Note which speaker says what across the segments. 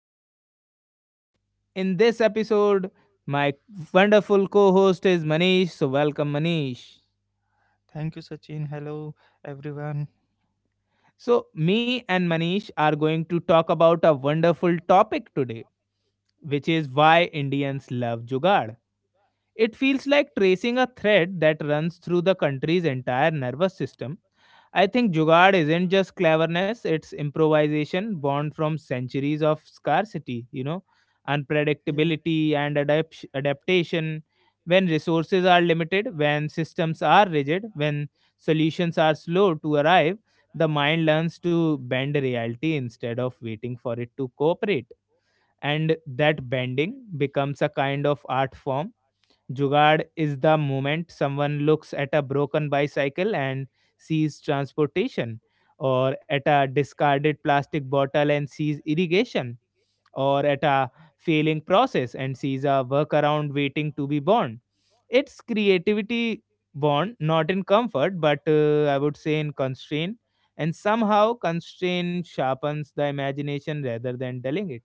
Speaker 1: series. In this episode, my wonderful co host is Manish. So, welcome, Manish.
Speaker 2: Thank you, Sachin. Hello, everyone.
Speaker 1: So, me and Manish are going to talk about a wonderful topic today, which is why Indians love Jugaad. It feels like tracing a thread that runs through the country's entire nervous system. I think Jugaad isn't just cleverness, it's improvisation born from centuries of scarcity, you know,
Speaker 2: Yeah.
Speaker 1: unpredictability and adaptation. When resources are limited, when systems are rigid, when solutions are slow to arrive, the mind learns to bend reality instead of waiting for it to cooperate. And that bending becomes a kind of art form. Jugaad is the moment someone looks at a broken bicycle and sees transportation, or at a discarded plastic bottle and sees irrigation, or at a failing process and sees a workaround waiting to be born. It's creativity born not in comfort, but I would say in constraint, and somehow constraint sharpens the imagination rather than dulling it.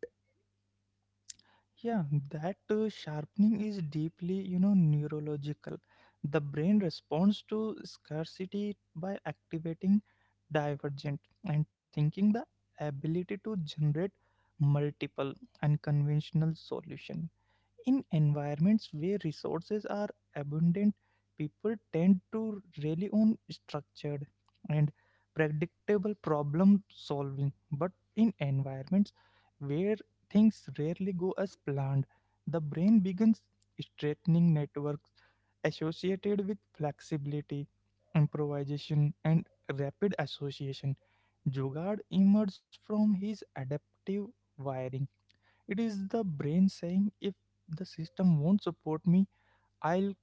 Speaker 2: Yeah, that sharpening is deeply, neurological. The brain responds to scarcity by activating divergent and thinking the ability to generate multiple unconventional solution. In environments where resources are abundant, people tend to rely on structured and predictable problem solving. But in environments where things rarely go as planned, the brain begins straightening networks associated with flexibility, improvisation, and rapid association. Jugard emerged from his adaptive wiring. It is the brain saying, if the system won't support me, I'll,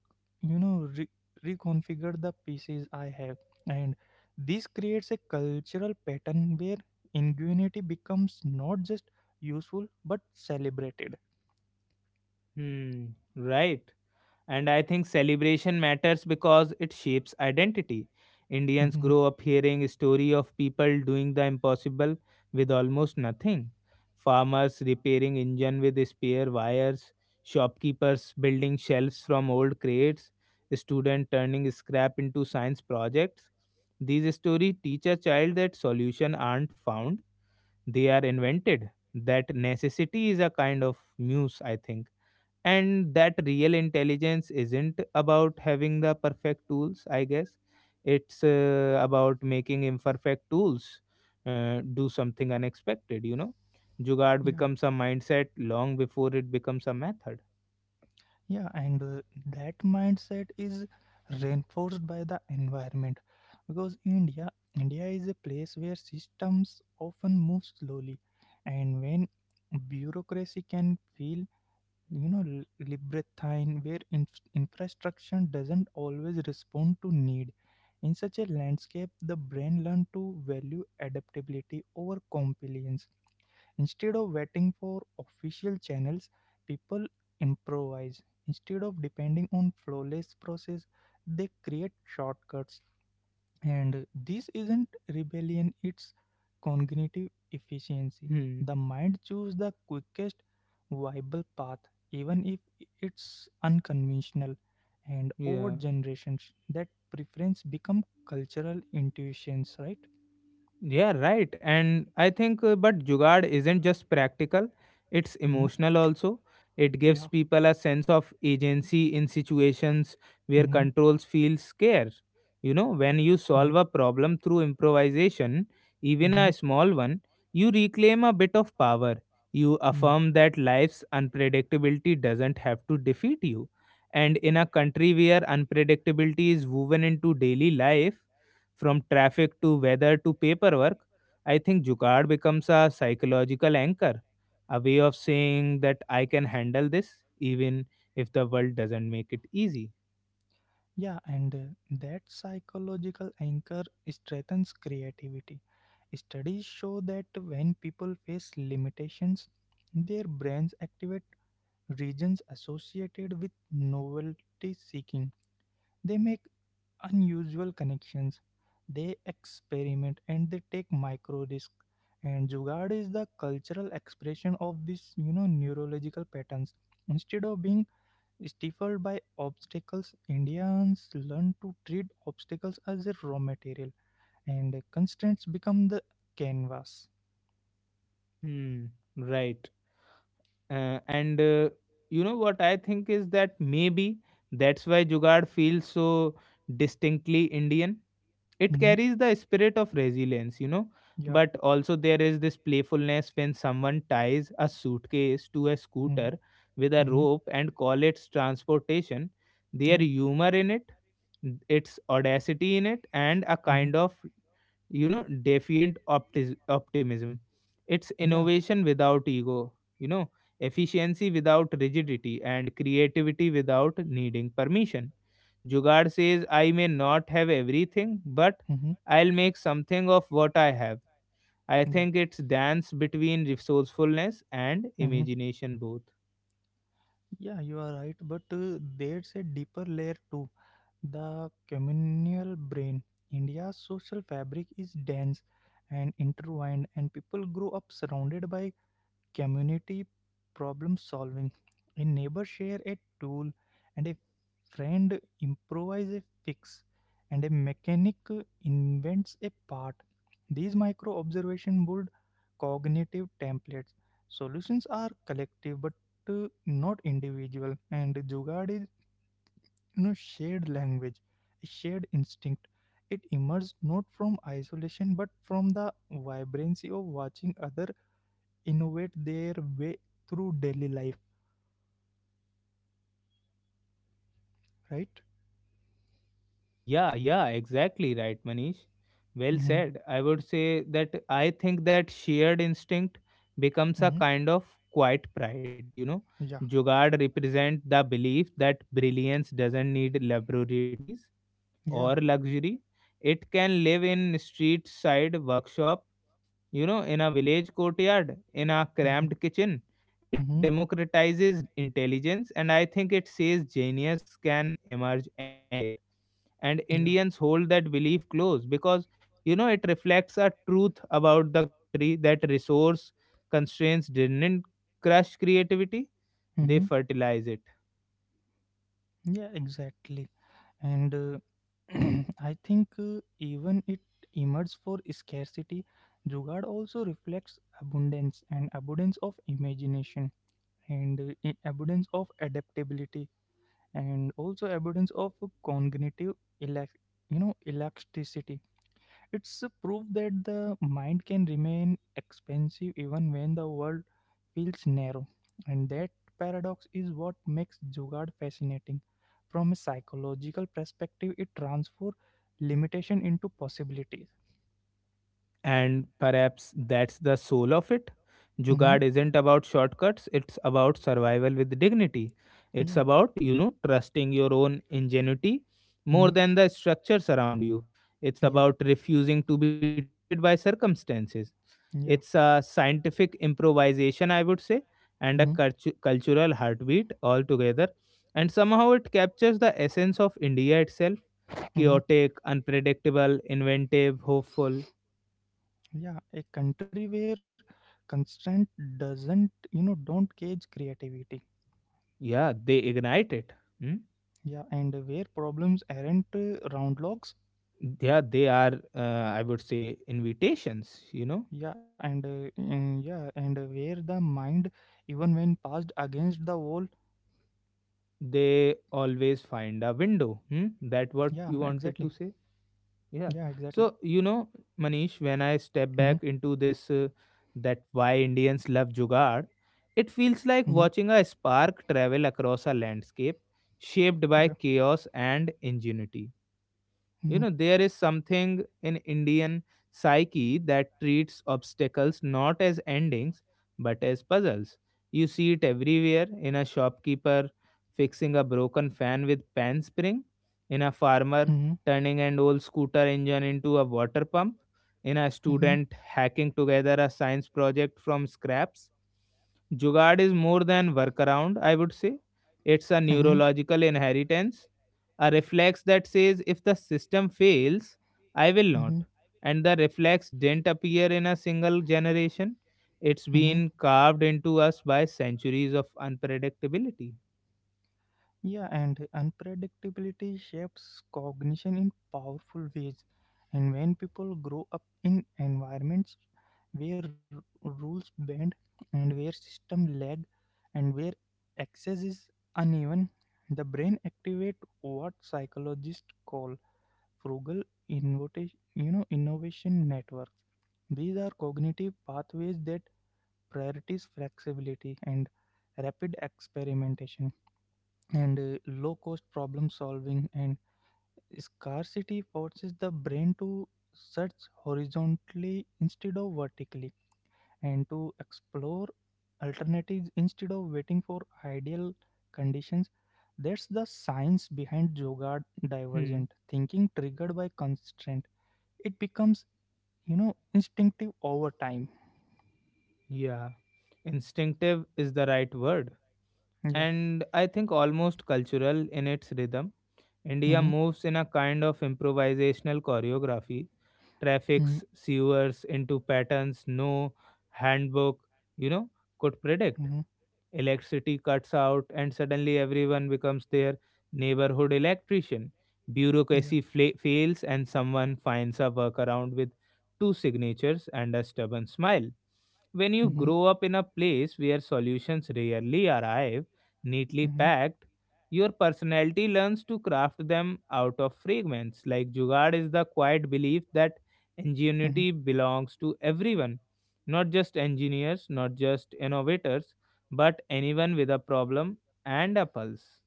Speaker 2: you know, re- reconfigure the pieces I have. And this creates a cultural pattern where ingenuity becomes not just useful but celebrated.
Speaker 1: Hmm, right. And I think celebration matters because it shapes identity. Indians
Speaker 2: Mhm.
Speaker 1: grow up hearing story of people doing the impossible with almost nothing. Farmers repairing engine with spare wires, shopkeepers building shelves from old crates, student turning scrap into science projects. These stories teach a child that solution aren't found, they are invented. That necessity is a kind of muse, I think, and that real intelligence isn't about having the perfect tools, I guess. It's about making imperfect tools do something unexpected, you know. Jugaad
Speaker 2: Yeah.
Speaker 1: becomes a mindset long before it becomes a method.
Speaker 2: Yeah, and that mindset is reinforced by the environment, because India is a place where systems often move slowly, and when bureaucracy can feel, libertine, where infrastructure doesn't always respond to need. In such a landscape, the brain learns to value adaptability over compliance. Instead of waiting for official channels, people improvise. Instead of depending on flawless process, they create shortcuts. And this isn't rebellion, it's cognitive efficiency.
Speaker 1: Hmm.
Speaker 2: The mind chooses the quickest viable path, even if it's unconventional. And over
Speaker 1: Yeah.
Speaker 2: generations, that preference become cultural intuitions, right?
Speaker 1: Yeah, right. And I think, but Jugaad isn't just practical, it's
Speaker 2: Hmm?
Speaker 1: emotional also. It gives
Speaker 2: Yeah.
Speaker 1: people a sense of agency in situations where
Speaker 2: Mm-hmm.
Speaker 1: controls feel scarce. You know, when you solve a problem through improvisation, even
Speaker 2: Mm-hmm.
Speaker 1: a small one, you reclaim a bit of power. You
Speaker 2: Hmm.
Speaker 1: affirm that life's unpredictability doesn't have to defeat you. And in a country where unpredictability is woven into daily life, from traffic to weather to paperwork, I think Jugaad becomes a psychological anchor, a way of saying that I can handle this even if the world doesn't make it easy.
Speaker 2: Yeah, and that psychological anchor strengthens creativity. Studies show that when people face limitations, their brains activate regions associated with novelty seeking. They make unusual connections. They experiment and they take micro risks. And Jugaad is the cultural expression of these, neurological patterns. Instead of being stifled by obstacles, Indians learn to treat obstacles as a raw material, and constraints become the canvas.
Speaker 1: Hmm, right. And you know what I think is that maybe that's why Jugaad feels so distinctly Indian. It
Speaker 2: Mm-hmm.
Speaker 1: carries the spirit of resilience, you know,
Speaker 2: Yeah.
Speaker 1: but also there is this playfulness when someone ties a suitcase to a
Speaker 2: Mm-hmm.
Speaker 1: scooter with a
Speaker 2: Mm-hmm.
Speaker 1: rope and call it transportation. Their
Speaker 2: Yeah.
Speaker 1: humor in it, its audacity in it, and a
Speaker 2: Mm-hmm.
Speaker 1: kind of, you know, defiant optimism. It's
Speaker 2: Yeah.
Speaker 1: innovation without ego, you know, efficiency without rigidity, and creativity without needing permission. Jugaad says, I may not have everything, but
Speaker 2: Mm-hmm.
Speaker 1: I'll make something of what I have. I
Speaker 2: Yeah,
Speaker 1: think it's dance between resourcefulness and
Speaker 2: Mm-hmm.
Speaker 1: imagination both.
Speaker 2: Yeah, you are right, but there's a deeper layer too. The communal brain. India's social fabric is dense and intertwined, and people grow up surrounded by community problem solving. A neighbor share a tool, and a friend improvise a fix, and a mechanic invents a part. These micro observation build cognitive templates. Solutions are collective but not individual, and Jugad is shared language, a shared instinct. It emerged not from isolation but from the vibrancy of watching other innovate their way through daily life, right.
Speaker 1: Yeah, yeah, exactly right, Manish. Well
Speaker 2: Mm-hmm.
Speaker 1: said. I would say that I think that shared instinct becomes a
Speaker 2: Mm-hmm.
Speaker 1: kind of quiet pride, you know.
Speaker 2: Yeah.
Speaker 1: Jugaad represent the belief that brilliance doesn't need laboratories
Speaker 2: Yeah.
Speaker 1: or luxury. It can live in street side workshop. You know, in a village courtyard, in a
Speaker 2: Mm-hmm.
Speaker 1: cramped kitchen, it
Speaker 2: Mm-hmm.
Speaker 1: democratizes intelligence, and I think it says genius can emerge anywhere. And
Speaker 2: Yeah.
Speaker 1: Indians hold that belief close because, you know, it reflects a truth about the country that resource constraints didn't crush creativity, they
Speaker 2: Mm-hmm.
Speaker 1: fertilize it.
Speaker 2: Yeah, exactly. And I think even it emerges for scarcity, Jugad also reflects abundance, and abundance of imagination, and abundance of adaptability, and also evidence of cognitive elac- elasticity. It's a proof that the mind can remain expansive even when the world feels narrow, and that paradox is what makes jugaad fascinating. From a psychological perspective, it transforms limitation into possibilities.
Speaker 1: And perhaps that's the soul of it.
Speaker 2: Hmm.
Speaker 1: Jugaad isn't about shortcuts, it's about survival with dignity. It's
Speaker 2: Yeah.
Speaker 1: about, you know, trusting your own ingenuity
Speaker 2: Hmm.
Speaker 1: more than the structures around you. It's
Speaker 2: Yeah.
Speaker 1: about refusing to be defeated by circumstances.
Speaker 2: Yeah.
Speaker 1: It's a scientific improvisation, I would say, and
Speaker 2: Hmm.
Speaker 1: a cultural heartbeat altogether. And somehow it captures the essence of India itself,
Speaker 2: Hmm.
Speaker 1: chaotic, unpredictable, inventive, hopeful.
Speaker 2: Yeah, a country where constraint doesn't, don't cage creativity.
Speaker 1: Yeah, they ignite it. Mm?
Speaker 2: Yeah, and where problems aren't, round logs.
Speaker 1: Yeah, they are, I would say, invitations, you know.
Speaker 2: Yeah, and, yeah, and where the mind, even when passed against the wall.
Speaker 1: They always find a window. Hmm? That what
Speaker 2: Yeah,
Speaker 1: you wanted to
Speaker 2: exactly.
Speaker 1: say? Yeah.
Speaker 2: Yeah, exactly.
Speaker 1: So, you know, Manish, when I step back
Speaker 2: Mm-hmm.
Speaker 1: into this, that why Indians love Jugaad, it feels
Speaker 2: Mm-hmm.
Speaker 1: like watching a spark travel across a landscape shaped by
Speaker 2: Yeah.
Speaker 1: chaos and ingenuity.
Speaker 2: Mm-hmm.
Speaker 1: You know, there is something in Indian psyche that treats obstacles not as endings but as puzzles. You see it everywhere, in a shopkeeper fixing a broken fan with pan spring, in a farmer
Speaker 2: Mm-hmm.
Speaker 1: turning an old scooter engine into a water pump, in a
Speaker 2: Mm-hmm.
Speaker 1: student hacking together a science project from scraps. Jugaad is more than workaround, I would say. It's a
Speaker 2: Mm-hmm.
Speaker 1: neurological inheritance, a reflex that says if the system fails, I will not.
Speaker 2: Mm-hmm.
Speaker 1: And the reflex didn't appear in a single generation. It's
Speaker 2: Mm-hmm.
Speaker 1: been carved into us by centuries of unpredictability.
Speaker 2: Yeah, and unpredictability shapes cognition in powerful ways. And when people grow up in environments where rules bend, and where system lag, and where access is uneven, the brain activate what psychologists call frugal innovation, innovation networks. These are cognitive pathways that prioritize flexibility and rapid experimentation, and low cost problem solving. And scarcity forces the brain to search horizontally instead of vertically, and to explore alternatives instead of waiting for ideal conditions. That's the science behind yoga,
Speaker 1: Hmm.
Speaker 2: divergent thinking triggered by constraint. It becomes, instinctive over time.
Speaker 1: Yeah. Instinctive is the right word.
Speaker 2: Yeah.
Speaker 1: And I think almost cultural in its rhythm. India
Speaker 2: Mm-hmm.
Speaker 1: moves in a kind of improvisational choreography,
Speaker 2: Mm-hmm.
Speaker 1: traffics sewers into patterns no handbook, you know, could predict.
Speaker 2: Mm-hmm.
Speaker 1: Electricity cuts out, and suddenly everyone becomes their neighborhood electrician.
Speaker 2: Yeah.
Speaker 1: Bureaucracy fails, and someone finds a workaround with two signatures and a stubborn smile. When you
Speaker 2: Mm-hmm.
Speaker 1: grow up in a place where solutions rarely arrive, neatly
Speaker 2: Mm-hmm.
Speaker 1: packed, your personality learns to craft them out of fragments. Like Jugaad is the quiet belief that
Speaker 2: Mm-hmm.
Speaker 1: ingenuity belongs to everyone, not just engineers, not just innovators, but anyone with a problem and a pulse.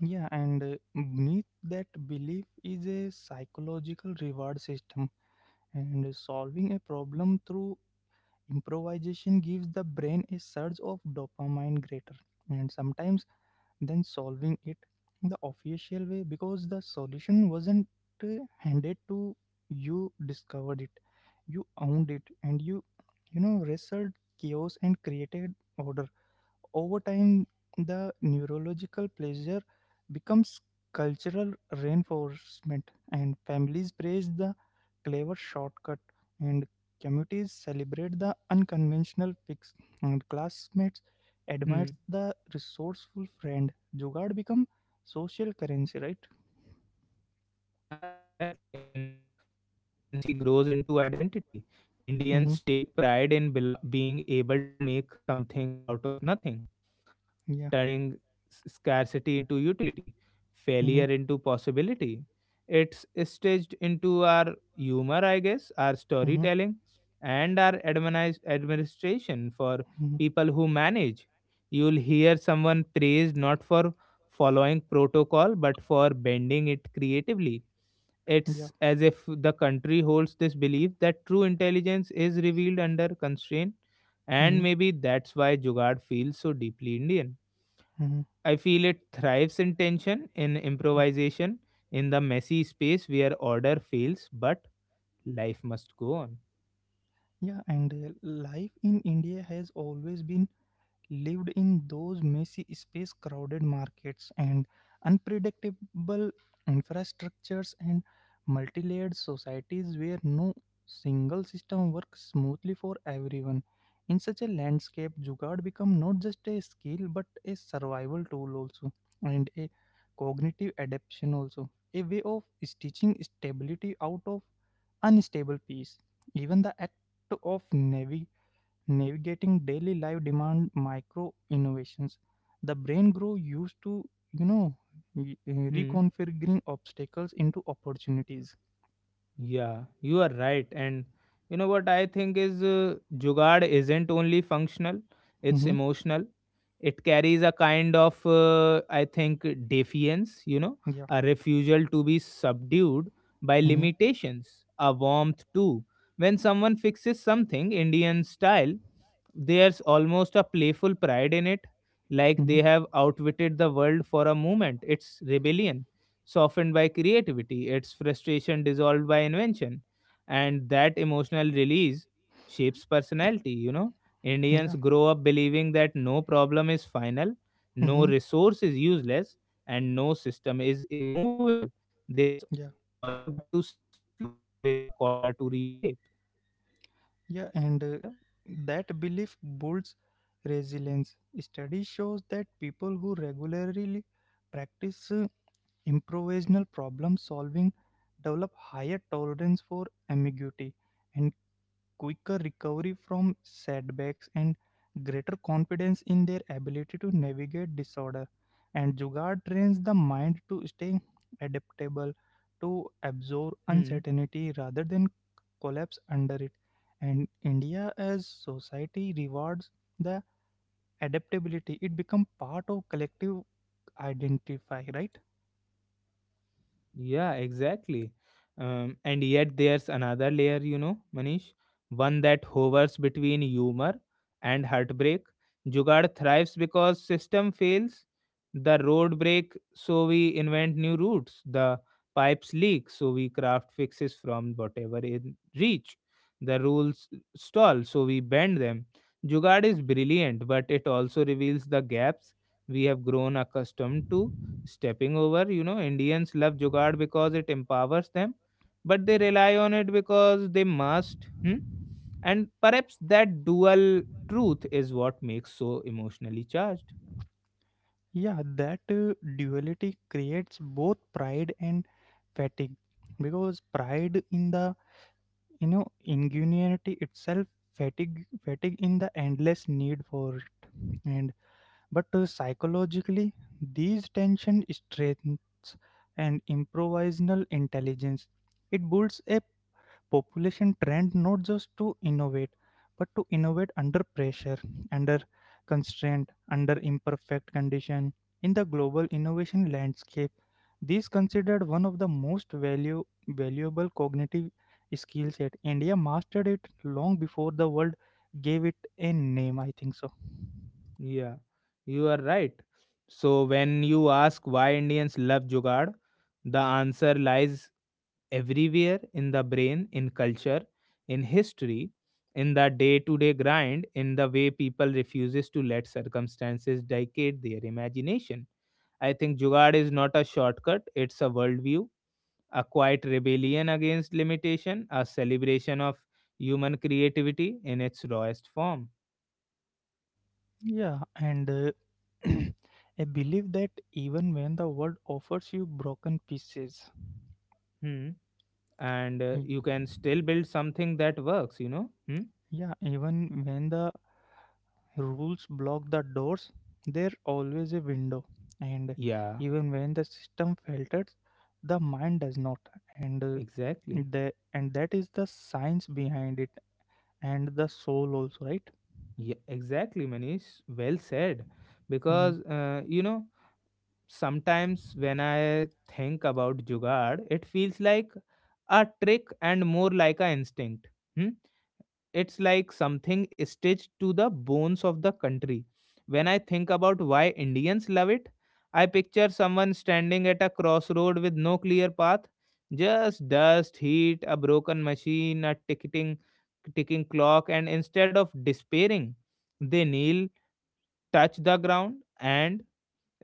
Speaker 2: Yeah, and beneath that belief is a psychological reward system, and solving a problem through improvisation gives the brain a surge of dopamine greater, and sometimes, than solving it the official way, because the solution wasn't uh, handed to you, discovered it, you owned it, and you, wrestled chaos and created order. Over time, the neurological pleasure becomes cultural reinforcement, and families praise the clever shortcut, and communities celebrate the unconventional fix, and classmates admire
Speaker 1: Hmm.
Speaker 2: the resourceful friend. Jugaad become social currency, right?
Speaker 1: Yeah, exactly. And social currency grows into identity.
Speaker 2: Mm-hmm.
Speaker 1: Indians take pride in being able to make something out of nothing,
Speaker 2: Yeah.
Speaker 1: turning scarcity into utility,
Speaker 2: Mm-hmm.
Speaker 1: failure into possibility. It's staged into our humor, I guess, our
Speaker 2: Mm-hmm.
Speaker 1: storytelling, and our administration for
Speaker 2: Mm-hmm.
Speaker 1: people who manage. You'll hear someone praised not for following protocol but for bending it creatively.
Speaker 2: Yeah.
Speaker 1: It's as if the country holds this belief that true intelligence is revealed under constraint, and
Speaker 2: Mm-hmm.
Speaker 1: maybe that's why Jugad feels so deeply Indian.
Speaker 2: Mm-hmm. Mm-hmm.
Speaker 1: I feel it thrives in tension, in improvisation, in the messy space where order fails, but life must go on.
Speaker 2: Yeah, and life in India has always been lived in those messy space, crowded markets, and unpredictable infrastructures, and multi-layered societies where no single system works smoothly for everyone. In such a landscape, jugaad become not just a skill but a survival tool also, and a cognitive adaptation also, a way of stitching stability out of unstable peace. Even the act of navigating daily life demand micro innovations. The brain grow used to, you know y- uh,
Speaker 1: Hmm.
Speaker 2: reconfiguring obstacles into opportunities.
Speaker 1: Yeah, you are right. And you know what I think is, Jugaad isn't only functional, it's
Speaker 2: Mm-hmm.
Speaker 1: emotional. It carries a kind of, I think, defiance, you know,
Speaker 2: Yeah.
Speaker 1: a refusal to be subdued by
Speaker 2: Mm-hmm.
Speaker 1: limitations, a warmth too. When someone fixes something Indian style, there's almost a playful pride in it, like
Speaker 2: Mm-hmm.
Speaker 1: they have outwitted the world for a moment. It's rebellion, softened by creativity, it's frustration dissolved by invention. And that emotional release shapes personality, you know.
Speaker 2: Yeah.
Speaker 1: Indians grow up believing that no problem is final, no
Speaker 2: Mm-hmm.
Speaker 1: resource is useless, and no system is immovable. There's
Speaker 2: Yeah.
Speaker 1: always a gap to slip through, always a corner to reshape.
Speaker 2: yeah and
Speaker 1: Yeah.
Speaker 2: uh, that belief builds resilience. Study shows that people who regularly practice improvisational problem solving develop higher tolerance for ambiguity, and quicker recovery from setbacks, and greater confidence in their ability to navigate disorder. And Jugaad trains the mind to stay adaptable, to absorb
Speaker 1: Hmm.
Speaker 2: uncertainty rather than collapse under it. And India, as society, rewards the adaptability. It becomes part of collective identify, right?
Speaker 1: Yeah, exactly. And yet there's another layer, you know, Manish, one that hovers between humor and heartbreak. Jugaad thrives because system fails, the road break, so we invent new routes. The pipes leak, so we craft fixes from whatever in reach. The rules stall, so we bend them. Jugaad is brilliant, but it also reveals the gaps we have grown accustomed to stepping over. You know, Indians love Jugaad because it empowers them, but they rely on it because they must. Hmm? And perhaps that dual truth is what makes so emotionally charged.
Speaker 2: Yeah, that duality creates both pride and fatigue, because pride in the, ingenuity itself, fatigue in the endless need for it. And but psychologically, these tension strengths and improvisational intelligence, it builds a population trend not just to innovate but to innovate under pressure, under constraint, under imperfect condition. In the global innovation landscape, these considered one of the most valuable cognitive skill set. India mastered it long before the world gave it a name, I think so.
Speaker 1: Yeah, you are right. So when you ask why Indians love Jugaad, the answer lies everywhere, in the brain, in culture, in history, in the day-to-day grind, in the way people refuses to let circumstances dictate their imagination. I think Jugaad is not a shortcut, it's a worldview, a quiet rebellion against limitation, a celebration of human creativity in its rawest form.
Speaker 2: Yeah, and I believe that even when the world offers you broken pieces.
Speaker 1: Hmm. And you can still build something that works, you know? Hmm?
Speaker 2: Yeah, even when the rules block the doors, there always a window. And
Speaker 1: Yeah,
Speaker 2: even when the system filters, the mind does not. And
Speaker 1: exactly.
Speaker 2: the and that is the science behind it and the soul also, right?
Speaker 1: Yeah, exactly, Manish. Well said.
Speaker 2: Mhm.
Speaker 1: Because, you know, sometimes when I think about Jugaad, it feels like a trick and more like an instinct. Hmm. It's like something stitched to the bones of the country. When I think about why Indians love it, I picture someone standing at a crossroad with no clear path, just dust, heat, a broken machine, a ticking clock, and instead of despairing, they kneel, touch the ground and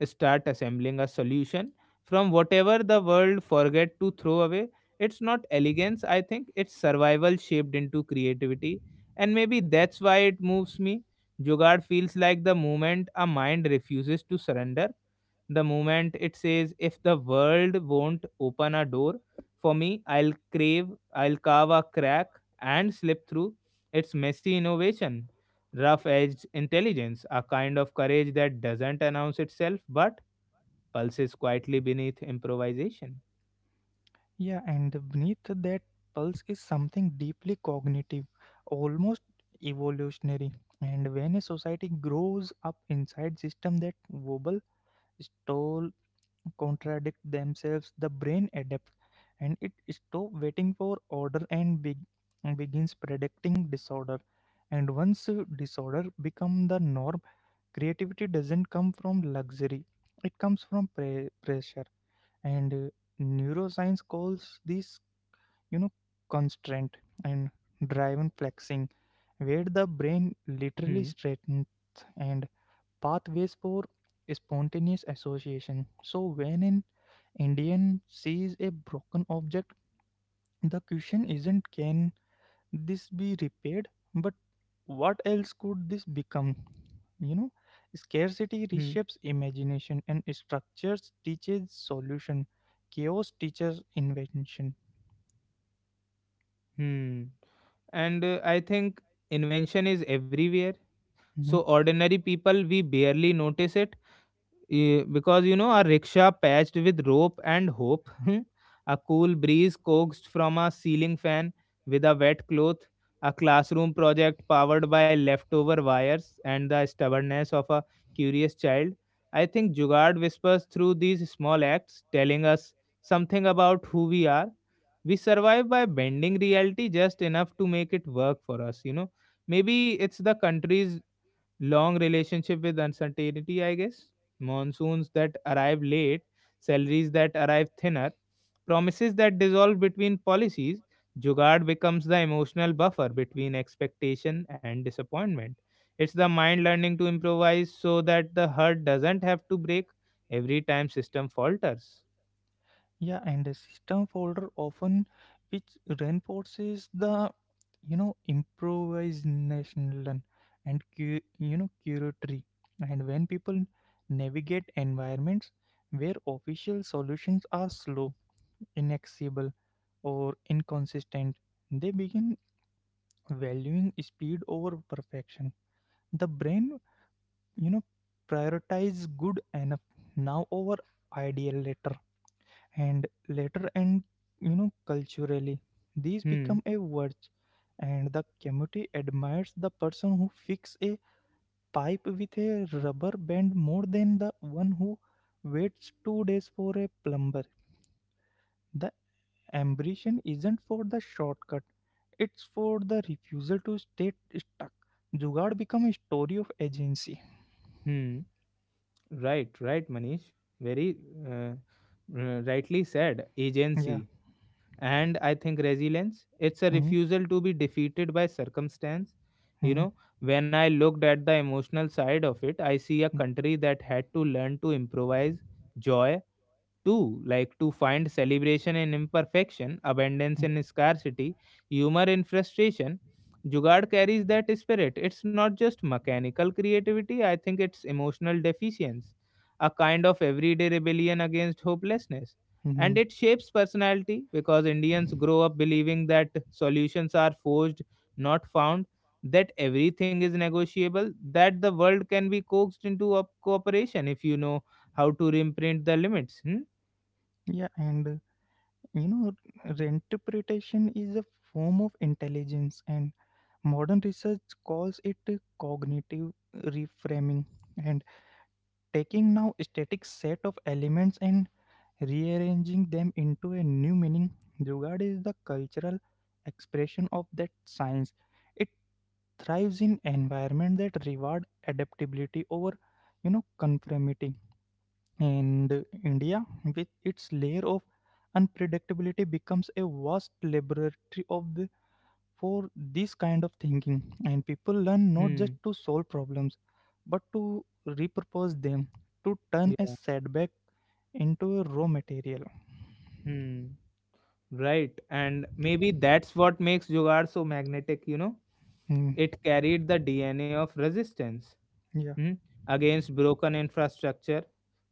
Speaker 1: start assembling a solution from whatever the world forget to throw away. It's not elegance, I think, it's survival shaped into creativity, and maybe that's why it moves me. Jugaad feels like the moment a mind refuses to surrender, the moment it says if the world won't open a door for me, I'll carve a crack and slip through. Its messy innovation, rough edged intelligence, a kind of courage that doesn't announce itself but pulses quietly beneath improvisation.
Speaker 2: Yeah, and beneath that pulse is something deeply cognitive, almost evolutionary. And when a society grows up inside system that wobble, stall, contradict themselves, the brain adapts and it stops waiting for order and begins predicting disorder. And once disorder becomes the norm, creativity doesn't come from luxury, it comes from pressure. And neuroscience calls this, you know, constraint and driven flexing, where the brain literally
Speaker 1: Hmm,
Speaker 2: straightens and pathways for spontaneous association. So, when an Indian sees a broken object, the question isn't, can this be repaired, but what else could this become? You know, Scarcity
Speaker 1: hmm,
Speaker 2: reshapes imagination and structures teaches solution. Chaos teaches invention.
Speaker 1: hmm. And I think invention is everywhere. So,
Speaker 2: Mm-hmm.
Speaker 1: ordinary people, we barely notice it. Because you know a rickshaw patched with rope and hope, a cool breeze coaxed from a ceiling fan with a wet cloth, a classroom project powered by leftover wires and the stubbornness of a curious child. I think jugard whispers through these small acts, telling us something about who we are. We survive by bending reality just enough to make it work for us, you know. Maybe it's the country's long relationship with uncertainty, I guess. Monsoons that arrive late, salaries that arrive thinner, promises that dissolve between policies. Jugad becomes the emotional buffer between expectation and disappointment. It's the mind learning to improvise so that the heart doesn't have to break every time system falters.
Speaker 2: Yeah, and the system folder often, which reinforces the, improvisational, and curatory. And when people navigate environments where official solutions are slow, inaccessible, or inconsistent, they begin valuing speed over perfection. The brain, you know, prioritizes good enough now over ideal later, and later, and, culturally these
Speaker 1: Hmm.
Speaker 2: become a virtue. And the community admires the person who fixes a pipe with a rubber band more than the one who waits 2 days for a plumber. The ambition isn't for the shortcut, it's for the refusal to stay stuck. Jugaad become a story of agency.
Speaker 1: Hmm. Right. Right, Manish. Very uh, rightly said.
Speaker 2: Yeah.
Speaker 1: Agency, and I think resilience, it's a
Speaker 2: Hmm.
Speaker 1: refusal to be defeated by circumstance.
Speaker 2: Hmm.
Speaker 1: You
Speaker 2: Hmm.
Speaker 1: know, when I looked at the emotional side of it, I see a country that had to learn to improvise joy too, like to find celebration in imperfection, abundance in scarcity, humor in frustration. Jugad carries that spirit. It's not just mechanical creativity, I think it's emotional deficiency, a kind of everyday rebellion against hopelessness.
Speaker 2: Hmm. Hmm.
Speaker 1: And it shapes personality because Indians grow up believing that solutions are forged, not found, that everything is negotiable, that the world can be coaxed into a cooperation if you know how to reprint the limits. Hmm?
Speaker 2: Yeah, and You know, reinterpretation is a form of intelligence, and modern research calls it a cognitive reframing. And taking now a static set of elements and rearranging them into a new meaning, Jugad is the cultural expression of that science. It thrives in environment that reward adaptability over, conformity. And India, with its layer of unpredictability, becomes a vast laboratory for this kind of thinking. And people learn not
Speaker 1: Hmm.
Speaker 2: just to solve problems, but to repurpose them, to turn a
Speaker 1: Yeah.
Speaker 2: setback into a raw material.
Speaker 1: Hmm. Right. And maybe that's what makes Jugaad so magnetic, you know?
Speaker 2: Hmm.
Speaker 1: It carried the DNA of resistance,
Speaker 2: Yeah.
Speaker 1: hmm, against broken infrastructure,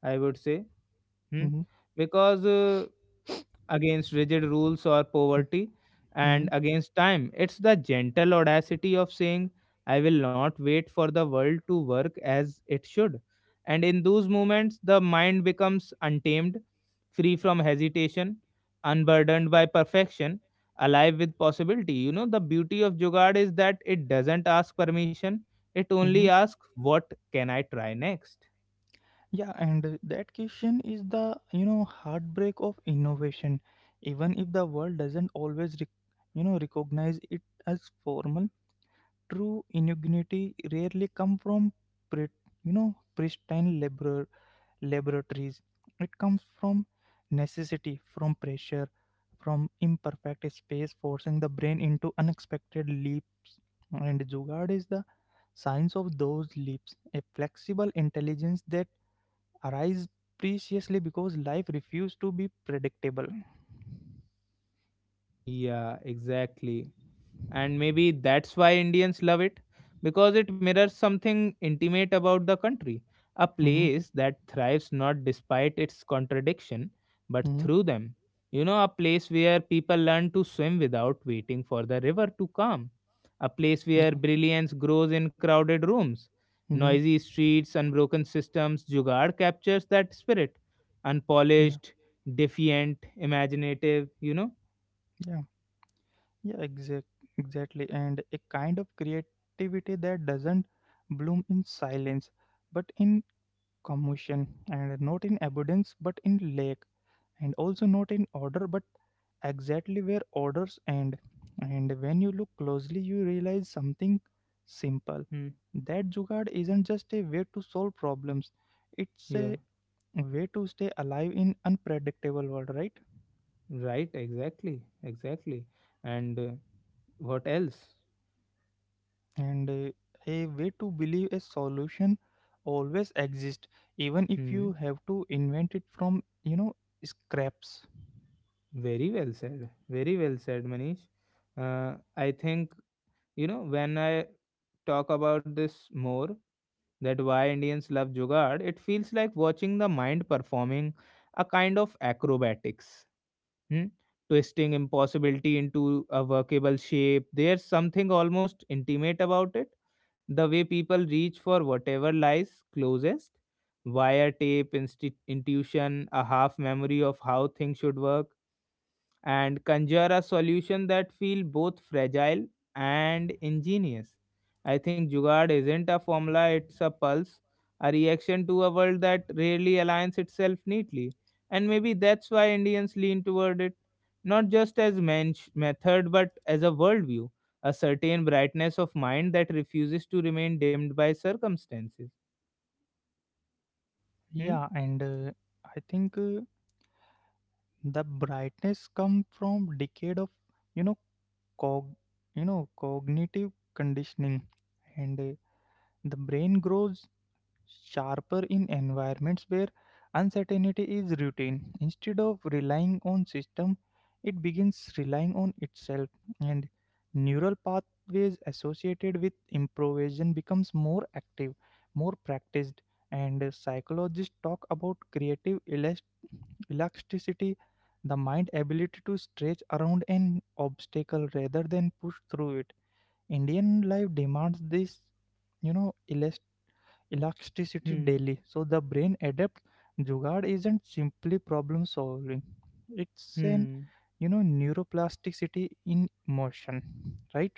Speaker 1: I would say. Hmm.
Speaker 2: Hmm.
Speaker 1: Because against rigid rules or poverty,
Speaker 2: Hmm.
Speaker 1: and against time. It's the gentle audacity of saying, I will not wait for the world to work as it should. And in those moments, the mind becomes untamed, free from hesitation, unburdened by perfection, alive with possibility. You know, the beauty of Jugad is that it doesn't ask permission, it only
Speaker 2: Hmm.
Speaker 1: asks, what can I try next?
Speaker 2: Yeah, and that question is the, heartbreak of innovation. Even if the world doesn't always, recognize it as formal. True ingenuity rarely comes from pre you know pristine laboratories. It comes from necessity, from pressure, from imperfect space, forcing the brain into unexpected leaps. And Jugaad is the science of those leaps, a flexible intelligence that arises preciously because life refuses to be predictable.
Speaker 1: Yeah, exactly. And maybe that's why Indians love it, because it mirrors something intimate about the country, a
Speaker 2: Mm-hmm.
Speaker 1: place that thrives not despite its contradiction but
Speaker 2: Mm-hmm.
Speaker 1: through them. You know, a place where people learn to swim without waiting for the river to calm, a place where
Speaker 2: Yeah.
Speaker 1: brilliance grows in crowded rooms,
Speaker 2: Mm-hmm.
Speaker 1: noisy streets, unbroken systems. Jugaad captures that spirit,
Speaker 2: Yeah.
Speaker 1: unpolished, defiant, imaginative. You know.
Speaker 2: Yeah. Yeah, exactly. And a kind of creativity that doesn't bloom in silence, but in commotion, and not in abundance, but in lack, and also not in order, but exactly where orders end. And when you look closely, you realize something simple.
Speaker 1: Hmm.
Speaker 2: That jugaad isn't just a way to solve problems; it's
Speaker 1: Yeah.
Speaker 2: a way to stay alive in unpredictable world, right?
Speaker 1: Right, exactly, exactly. And what else?
Speaker 2: and A way to believe a solution always exists even if
Speaker 1: Hmm.
Speaker 2: you have to invent it from scraps.
Speaker 1: Very well said. Very well said, Manish. I think, you know, when I talk about this more, that why Indians love Jugaad, it feels like watching the mind performing a kind of acrobatics. Hmm? Twisting impossibility into a workable shape. There's something almost intimate about it. The way people reach for whatever lies closest. Wiretape, intuition, a half memory of how things should work, and conjure a solution that feel both fragile and ingenious. I think Jugaad isn't a formula, it's a pulse, a reaction to a world that rarely aligns itself neatly. And maybe that's why Indians lean toward it, not just as method, but as a worldview, a certain brightness of mind that refuses to remain dimmed by circumstances. Hmm?
Speaker 2: Yeah and I think The brightness come from decade of you know cog cognitive conditioning, and the brain grows sharper in environments where uncertainty is routine. Instead of relying on system, it begins relying on itself, and neural pathways associated with improvisation becomes more active, more practiced. And psychologists talk about creative elasticity, the mind ability to stretch around an obstacle rather than push through it. Indian life demands this, you know, elasticity
Speaker 1: Hmm.
Speaker 2: daily. So the brain adapts. Jugaad isn't simply problem solving. It's an
Speaker 1: Hmm.
Speaker 2: you know neuroplasticity in motion, right?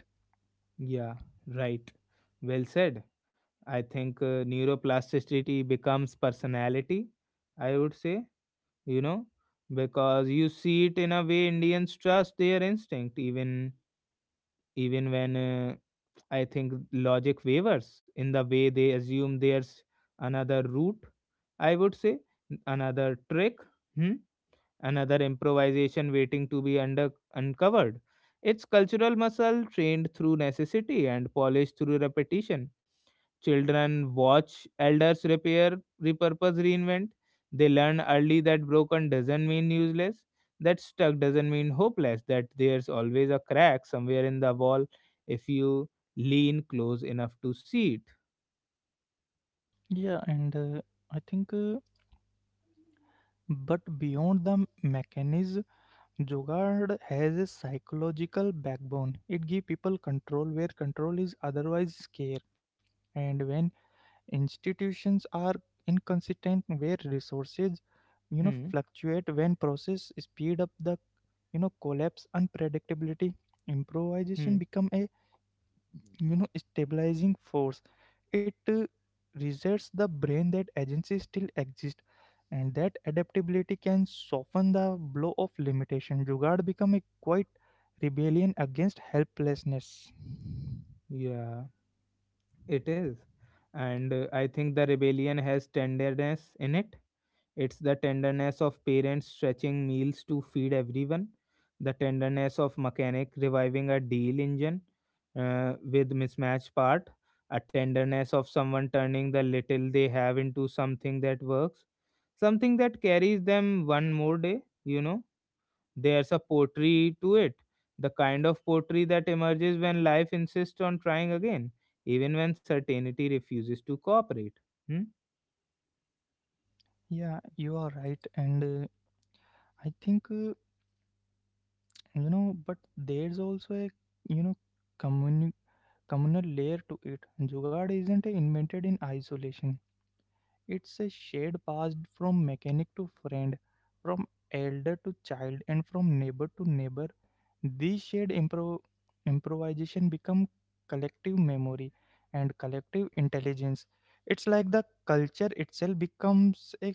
Speaker 1: Yeah, right. Well said. I think neuroplasticity becomes personality, I would say, you know, because you see it in a way Indians trust their instinct, even when I think logic wavers, in the way they assume there's another route, I would say, another trick, hmm, another improvisation waiting to be uncovered. It's cultural muscle trained through necessity and polished through repetition. Children watch elders repair, repurpose, reinvent. They learn early that broken doesn't mean useless, that stuck doesn't mean hopeless, that there's always a crack somewhere in the wall if you lean close enough to see it.
Speaker 2: Yeah, and I think. But beyond the mechanism, Jugaad has a psychological backbone. It gives people control where control is otherwise scarce. And when institutions are inconsistent, where resources
Speaker 1: Hmm.
Speaker 2: fluctuate, when process speed up the collapse unpredictability,
Speaker 1: Hmm.
Speaker 2: improvisation become a stabilizing force. It resets the brain that agency still exists and that adaptability can soften the blow of limitation. Jugad become a quite rebellion against helplessness.
Speaker 1: Yeah, it is. And I think the rebellion has tenderness in it. It's the tenderness of parents stretching meals to feed everyone, the tenderness of mechanic reviving a deal engine with mismatched part, a tenderness of someone turning the little they have into something that works, something that carries them one more day. You know, there's a poetry to it, the kind of poetry that emerges when life insists on trying again, even when certainty refuses to cooperate. Hmm.
Speaker 2: Yeah you are right and I think You know, but there's also a you know communi- communal layer to it. Jugaad isn't invented in isolation. It's a shade passed from mechanic to friend, from elder to child, and from neighbor to neighbor. These shared improvisation become collective memory and collective intelligence. It's like the culture itself becomes a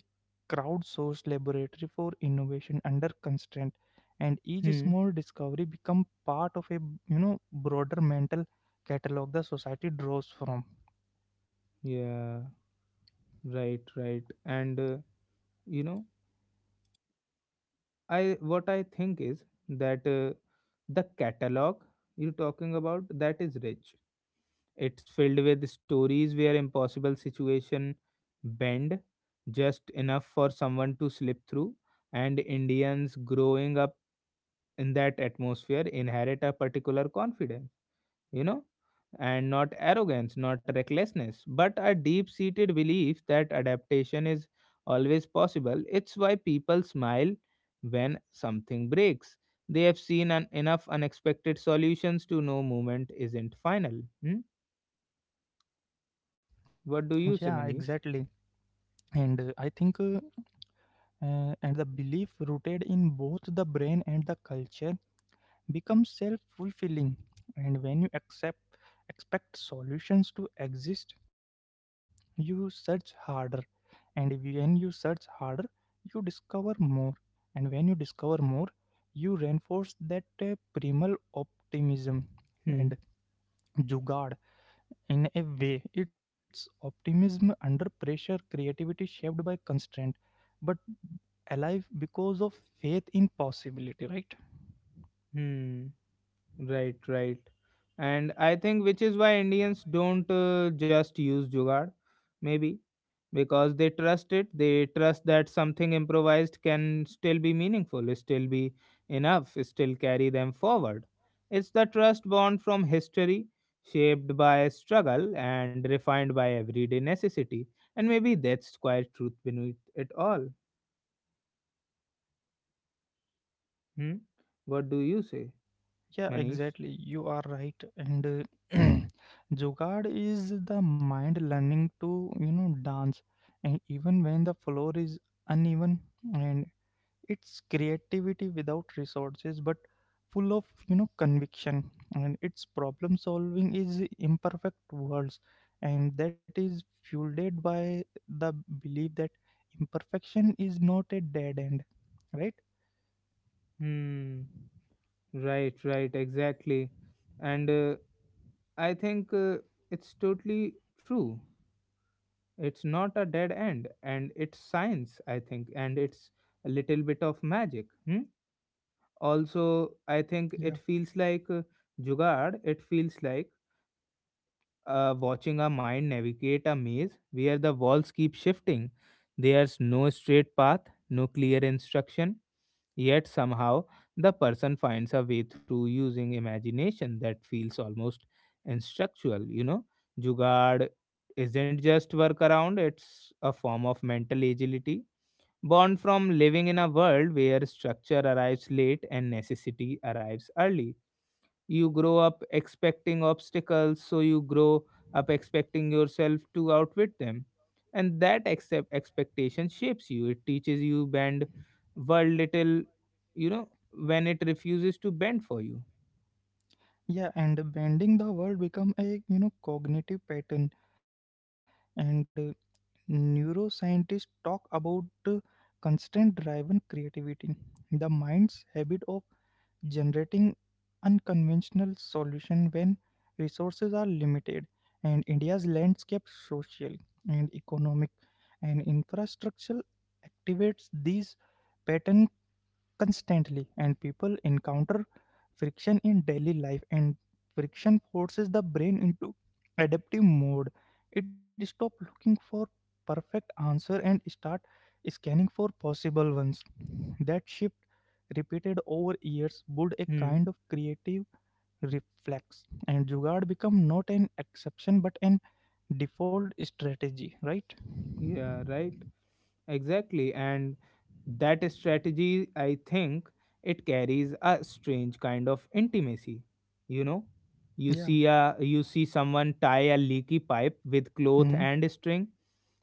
Speaker 2: crowdsourced laboratory for innovation under constraint, and each
Speaker 1: Hmm.
Speaker 2: small discovery become part of a broader mental catalog the society draws from.
Speaker 1: Yeah. Right, right. And you know, I, what I think is that the catalog you're talking about, that is rich. It's filled with stories where impossible situation bend just enough for someone to slip through, and Indians growing up in that atmosphere inherit a particular confidence, you know, and not arrogance, not recklessness, but a deep seated belief that adaptation is always possible. It's why people smile when something breaks. They have seen enough unexpected solutions to know movement isn't final. Hmm? What do you
Speaker 2: Yeah,
Speaker 1: say, Manish?
Speaker 2: exactly. And uh, I think, uh, and the belief rooted in both the brain and the culture becomes self fulfilling. And when you accept, expect solutions to exist, you search harder. And when you search harder, you discover more. And when you discover more, you reinforce that primal optimism
Speaker 1: Hmm.
Speaker 2: and jugad. In a way, it's optimism under pressure, creativity shaped by constraint, but alive because of faith in possibility, right?
Speaker 1: Hmm. Right, right. And I think, which is why Indians don't just use jugaad, maybe. Because they trust it, they trust that something improvised can still be meaningful, still be enough, still carry them forward. It's the trust born from history, shaped by struggle and refined by everyday necessity. And maybe that's quite truth beneath it all. Hmm? What do you say,
Speaker 2: Yeah,
Speaker 1: Manish?
Speaker 2: exactly. You are right. And Jugaad is the mind learning to, you know, dance. And even when the floor is uneven, and it's creativity without resources, but full of, you know, conviction. And its problem solving is imperfect worlds. And that is fueled by the belief that imperfection is not a dead end, right?
Speaker 1: Hmm, right, right, exactly. And I think, it's totally true. It's not a dead end, and it's science, I think, and it's a little bit of magic. Hmm? Also, I think it feels like, jugaad, it feels like, watching a mind navigate a maze where the walls keep shifting. There's no straight path, no clear instruction. Yet somehow, the person finds a way through using imagination that feels almost instructual. You know, Jugaad isn't just workaround, it's a form of mental agility born from living in a world where structure arrives late and necessity arrives early. You grow up expecting obstacles, so you grow up expecting yourself to outwit them. And that accept expectation shapes you, it teaches you bend world little, you know, when it refuses to bend for you.
Speaker 2: Yeah, and bending the world become a cognitive pattern, and neuroscientists talk about uh, constraint-driven creativity, the mind's habit of generating unconventional solution when resources are limited. And India's landscape, social and economic, and infrastructural activates these pattern constantly. And people encounter friction in daily life, and friction forces the brain into adaptive mode. It stops looking for perfect answer and start scanning for possible ones. That shift repeated over years build a
Speaker 1: Hmm.
Speaker 2: kind of creative reflex, and jugaad become not an exception but an default strategy, right?
Speaker 1: Yeah, right. Exactly. And that strategy, I think, it carries a strange kind of intimacy. You know,
Speaker 2: Yeah.
Speaker 1: you see someone tie a leaky pipe with cloth and
Speaker 2: hmm
Speaker 1: string,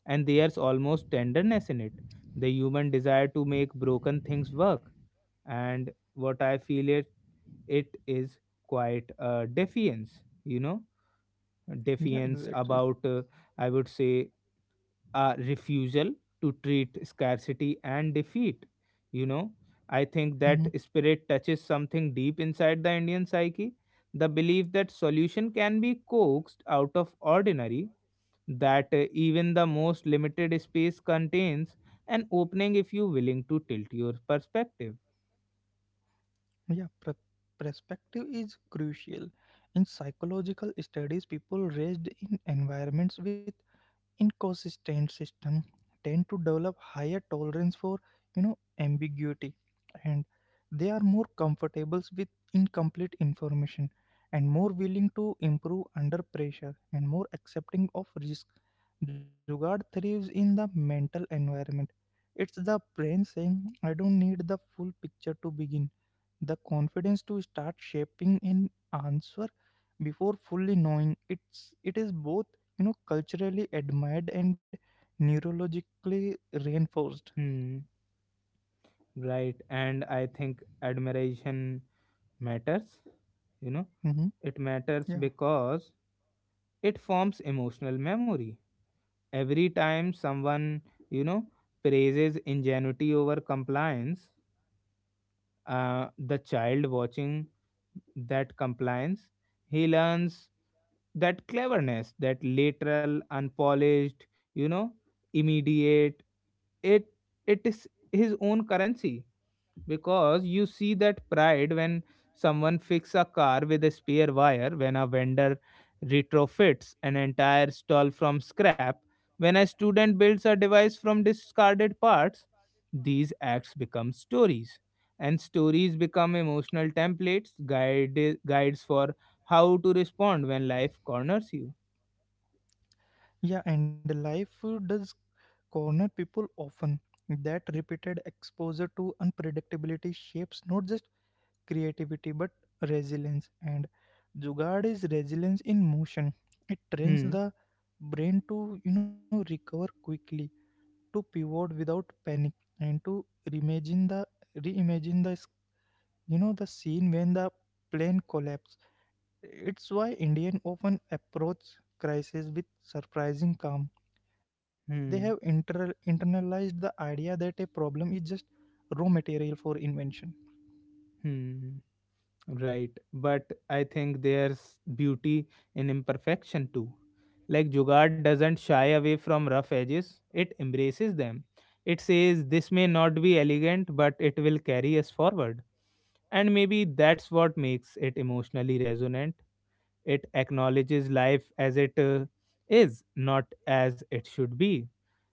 Speaker 1: and there's almost tenderness in it. The human desire to make broken things work, and what I feel, it is quite a defiance. You know,
Speaker 2: yeah,
Speaker 1: defiance about,
Speaker 2: exactly.
Speaker 1: I would say, a refusal to treat scarcity and defeat. You know, I think that spirit touches something deep inside the Indian psyche, the belief that solution can be coaxed out of ordinary, that even the most limited space contains an opening if you willing to tilt your perspective.
Speaker 2: Yeah, perspective is crucial. In psychological studies, people raised in environments with inconsistent system tend to develop higher tolerance for, you know, ambiguity, and they are more comfortable with incomplete information, and more willing to improve under pressure, and more accepting of risk. Jugad thrives in the mental environment. It's the brain saying, "I don't need the full picture to begin." The confidence to start shaping an answer before fully knowing it is both culturally admired and neurologically reinforced.
Speaker 1: Hmm, right. And I think admiration matters, you know,
Speaker 2: Hmm
Speaker 1: it matters
Speaker 2: yeah.
Speaker 1: because it forms emotional memory. Every time someone, you know, praises ingenuity over compliance, the child watching that compliance, he learns that cleverness, that literal unpolished, you know, immediate, it it is his own currency. Because you see that pride when someone fixes a car with a spare wire, when a vendor retrofits an entire stall from scrap, when a student builds a device from discarded parts, these acts become stories, and stories become emotional templates, guides for how to respond when life corners you.
Speaker 2: yeah and Life does corner people often. That repeated exposure to unpredictability shapes not just creativity but resilience, and Jugad is resilience in motion. It trains
Speaker 1: Hmm.
Speaker 2: the brain to recover quickly, to pivot without panic, and to reimagine the reimagine the the scene when the plane collapsed. It's why Indian often approach crisis with surprising calm. They have
Speaker 1: Hmm.
Speaker 2: internalized the idea that a problem is just raw material for invention.
Speaker 1: Hmm. Right, but I think there's beauty in imperfection too. Like Jugaad doesn't shy away from rough edges, it embraces them. It says this may not be elegant, but it will carry us forward. And maybe that's what makes it emotionally resonant. It acknowledges life as it is, not as it should be.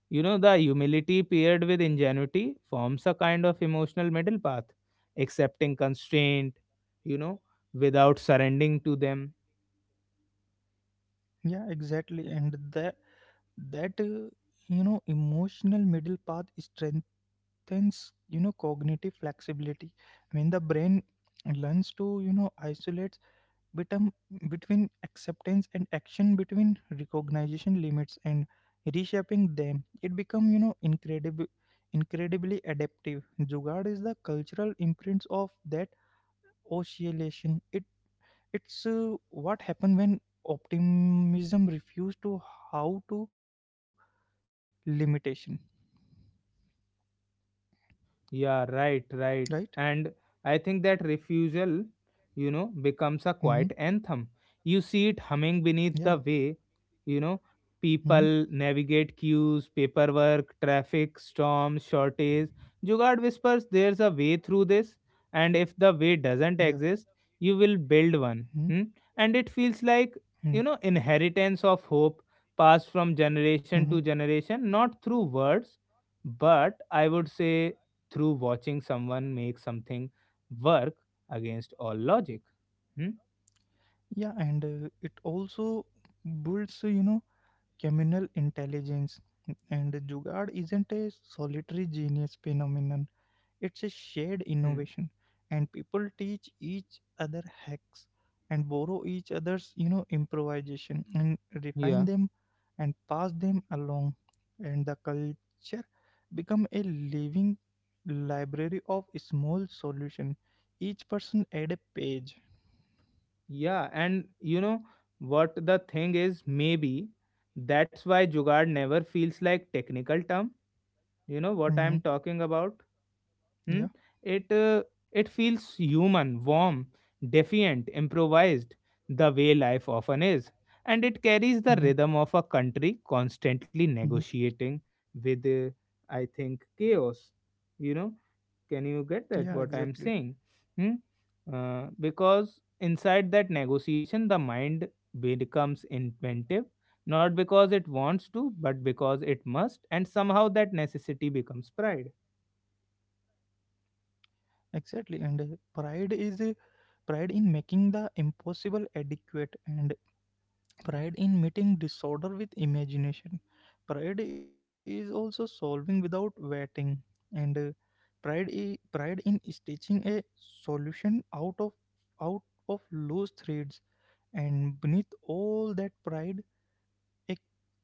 Speaker 1: You know, the humility paired with ingenuity forms a kind of emotional middle path, accepting constraint, you know, without surrendering to them.
Speaker 2: Yeah, exactly. And that that emotional middle path strengthens cognitive flexibility. When the brain learns to isolate betum- between acceptance and action, between recognition limits and reshaping them, it become you know incredible incredibly adaptive. Jugaad is the cultural imprints of that oscillation. It's what happened when optimism refused to how to limitation,
Speaker 1: Yeah, right,
Speaker 2: right?
Speaker 1: right. And I think that refusal, you know,
Speaker 2: hmm
Speaker 1: becomes a quiet anthem. You see it humming
Speaker 2: yeah.
Speaker 1: beneath the way, you know,
Speaker 2: hmm
Speaker 1: people navigate queues, paperwork, traffic, storms, shortage. Jugard whispers, there's a way through this. And if the way
Speaker 2: yeah
Speaker 1: doesn't exist, you will build
Speaker 2: hmm
Speaker 1: one. Hmm? And it feels like,
Speaker 2: hmm
Speaker 1: you know, inheritance of hope passed from generation
Speaker 2: hmm
Speaker 1: to generation, not through words, but I would say through watching someone make something work against all logic. Hmm?
Speaker 2: yeah, and it also builds communal intelligence. And Jugaad isn't a solitary genius phenomenon, it's a shared
Speaker 1: Hmm.
Speaker 2: innovation. And people teach each other hacks and borrow each other's, you know, improvisation and refine
Speaker 1: Yeah,
Speaker 2: them and pass them along. And the culture become a living library of small solution. Each person add a page.
Speaker 1: yeah, and you know what the thing is, maybe that's why Jugad never feels like technical term. You know what I'm
Speaker 2: Mhm.
Speaker 1: talking about? Hmm?
Speaker 2: Yeah.
Speaker 1: It uh, it feels human, warm, defiant, improvised, the way life often is, and it carries the
Speaker 2: hmm
Speaker 1: rhythm of a country constantly
Speaker 2: hmm
Speaker 1: negotiating with, I think, chaos. You know, can you get that?
Speaker 2: Yeah,
Speaker 1: What I'm
Speaker 2: exactly.
Speaker 1: saying? Hmm? Because inside that negotiation, the mind becomes inventive, not because it wants to, but because it must, and somehow that necessity becomes pride.
Speaker 2: Exactly. And Pride is a pride in making the impossible adequate, and pride in meeting disorder with imagination. Pride is also solving without waiting, and pride in stitching a solution out of loose threads. And beneath all that pride, a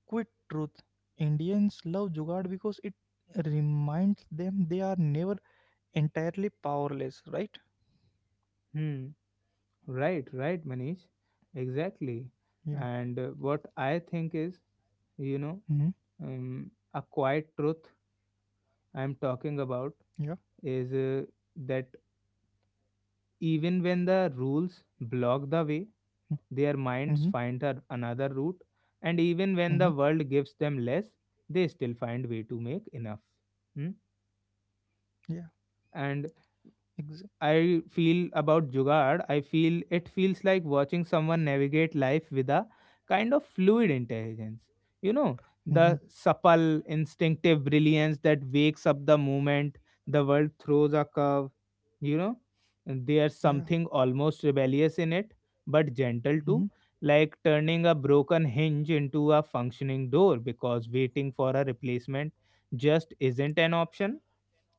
Speaker 2: quick truth: Indians love jugaad because it reminds them they are never entirely powerless, right?
Speaker 1: Hmm. Right, right, Manish. Exactly.
Speaker 2: Yeah.
Speaker 1: And what I think is, you know,
Speaker 2: hmm
Speaker 1: a quiet truth I'm talking about
Speaker 2: yeah
Speaker 1: is that even when the rules block the way, their minds find another route, and even when the
Speaker 2: hmm
Speaker 1: world gives them less, they still find way to make enough. Hmm?
Speaker 2: yeah.
Speaker 1: And
Speaker 2: Exa-
Speaker 1: I feel about Jugaad, I feel it feels like watching someone navigate life with a kind of fluid intelligence. You know,
Speaker 2: Mhm.
Speaker 1: the supple, instinctive brilliance that wakes up the moment the world throws a curve, you know, and there's
Speaker 2: Yeah.
Speaker 1: something almost rebellious in it, but gentle too,
Speaker 2: Mhm.
Speaker 1: like turning a broken hinge into a functioning door because waiting for a replacement just isn't an option.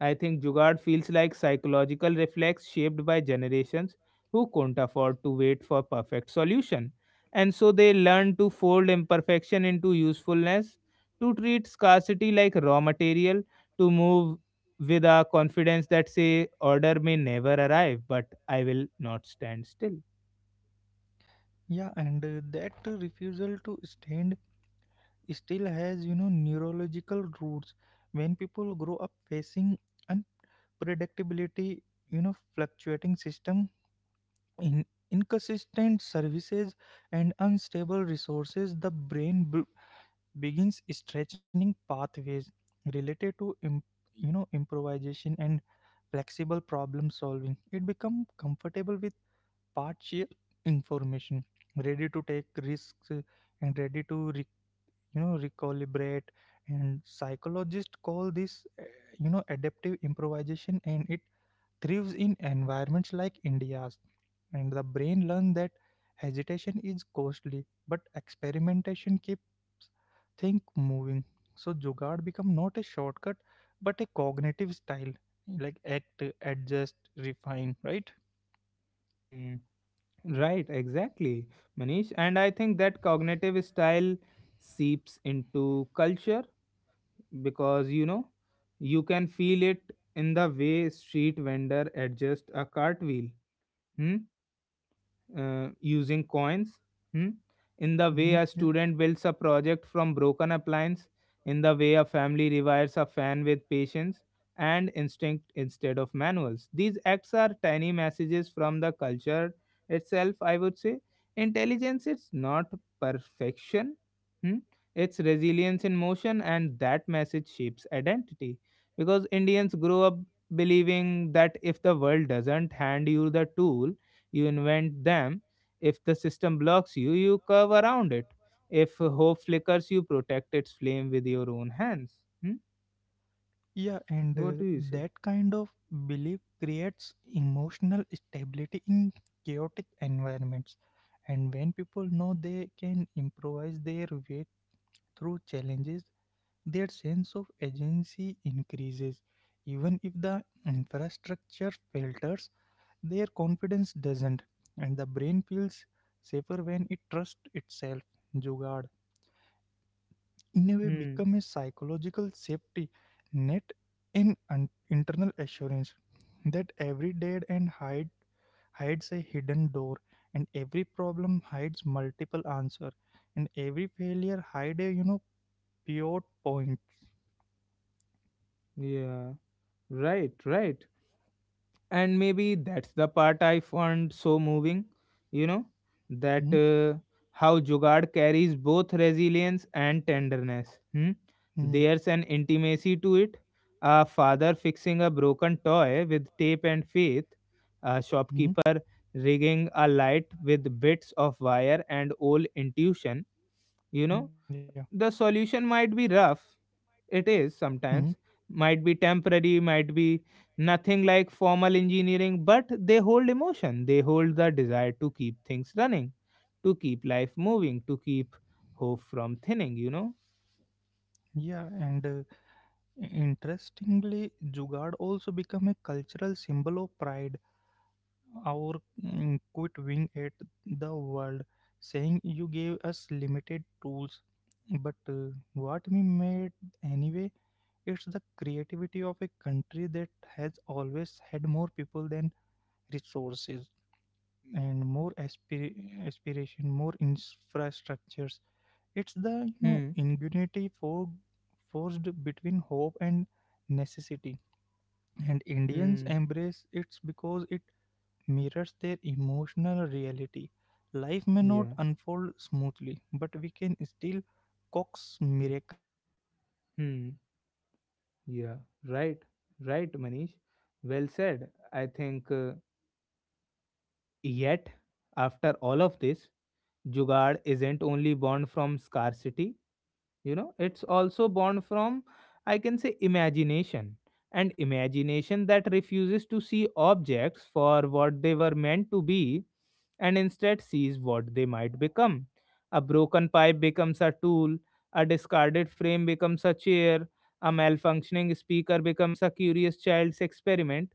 Speaker 1: I think Jugaad feels like psychological reflex shaped by generations who couldn't afford to wait for perfect solution. And so they learn to fold imperfection into usefulness, to treat scarcity like raw material, to move with a confidence that say order may never arrive, but I will not stand still.
Speaker 2: Yeah, and that refusal to stand still has, you know, neurological roots. When people grow up facing unpredictability, you know, fluctuating system, in inconsistent services, and unstable resources, the brain begins stretching pathways related to, you know, improvisation and flexible problem solving. It becomes comfortable with partial information, ready to take risks, and ready to recalibrate. And psychologists call this uh, adaptive improvisation, and it thrives in environments like india's. And the brain learns that hesitation is costly but experimentation keeps think moving. So jugaad become not a shortcut but a cognitive style, like act, adjust, refine, right?
Speaker 1: Mm. Right, exactly, Manish. And I think that cognitive style seeps into culture because you can feel it in the way street vendor adjust a cartwheel. Hmm? Using coins. Hmm?
Speaker 2: mm-hmm. Yeah.
Speaker 1: In the way a student builds a project from broken appliance, in the way a family rewires a fan with patience and instinct instead of manuals. These acts are tiny messages from the culture itself, I would say. Intelligence is not perfection. Hmm? It's resilience in motion, and that message shapes identity because Indians grow up believing that if the world doesn't hand you the tool, you invent them. If the system blocks you, you curve around it. If hope flickers, you protect its flame with your own hands. Hmm?
Speaker 2: Yeah, and
Speaker 1: What do you say?
Speaker 2: that kind of belief creates emotional stability in chaotic environments. And when people know they can improvise their way through challenges, their sense of agency increases. Even if the infrastructure falters, their confidence doesn't, and the brain feels safer when it trusts itself. Jugaad in a way
Speaker 1: Hmm.
Speaker 2: become a psychological safety net and an internal assurance that every dead end hides a hidden door, and every problem hides multiple answer, and every failure hide a pure point.
Speaker 1: Yeah. Right. Right. And maybe that's the part I found so moving, you know that
Speaker 2: Hmm.
Speaker 1: how jugad carries both resilience and tenderness. Hmm?
Speaker 2: Hmm.
Speaker 1: There's an intimacy to it, a father fixing a broken toy with tape and faith, a
Speaker 2: Hmm.
Speaker 1: shopkeeper rigging a light with bits of wire and old intuition. you know
Speaker 2: Yeah.
Speaker 1: the solution might be rough. It is
Speaker 2: hmm,
Speaker 1: sometimes. Might be temporary, might be nothing like formal engineering, but they hold emotion. They hold the desire to keep things running, to keep life moving, to keep hope from thinning, you know?
Speaker 2: yeah, and interestingly jugaad also become a cultural symbol of pride. Our quit wing at the world, saying you gave us limited tools. But what we made anyway, it's the creativity of a country that has always had more people than resources, and more aspiration, more infrastructures. It's the
Speaker 1: Hmm.
Speaker 2: ingenuity
Speaker 1: Hmm. Yeah. Hmm. Yeah. Right. Right, Manish. Well said. I think yet, after all of this, Jugaad isn't only born from scarcity, it's also born from, I can say, imagination. And imagination that refuses to see objects for what they were meant to be, and instead sees what they might become. A broken pipe becomes a tool, a discarded frame becomes a chair, a malfunctioning speaker becomes a curious child's experiment.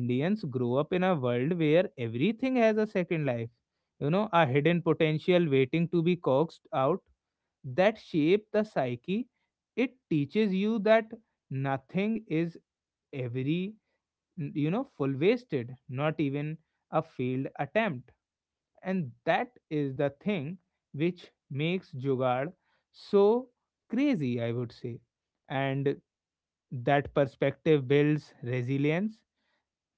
Speaker 1: Indians grow up in a world where everything has a second life, a hidden potential waiting to be coaxed out. That shape the psyche. It teaches you that nothing is every full wasted, not even a failed attempt. And that is the thing which makes jugaad so crazy, I would say. And that perspective builds resilience,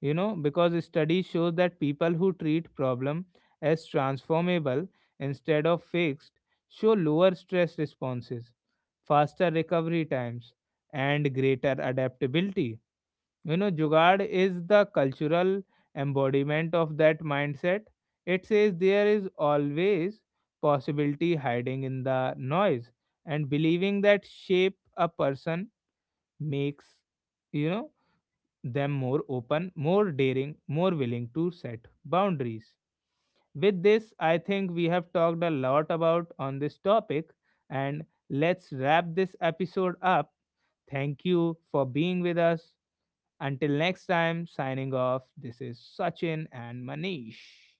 Speaker 1: because studies show that people who treat problem as transformable instead of fixed show lower stress responses, faster recovery times, and greater adaptability. Jugaad is the cultural embodiment of that mindset. It says there is always possibility hiding in the noise, and believing that shape a person makes, you know, them more open, more daring, more willing to set boundaries. With this, I think we have talked a lot about on this topic, and let's wrap this episode up. Thank you for being with us. Until next time, signing off. This is Sachin and Manish.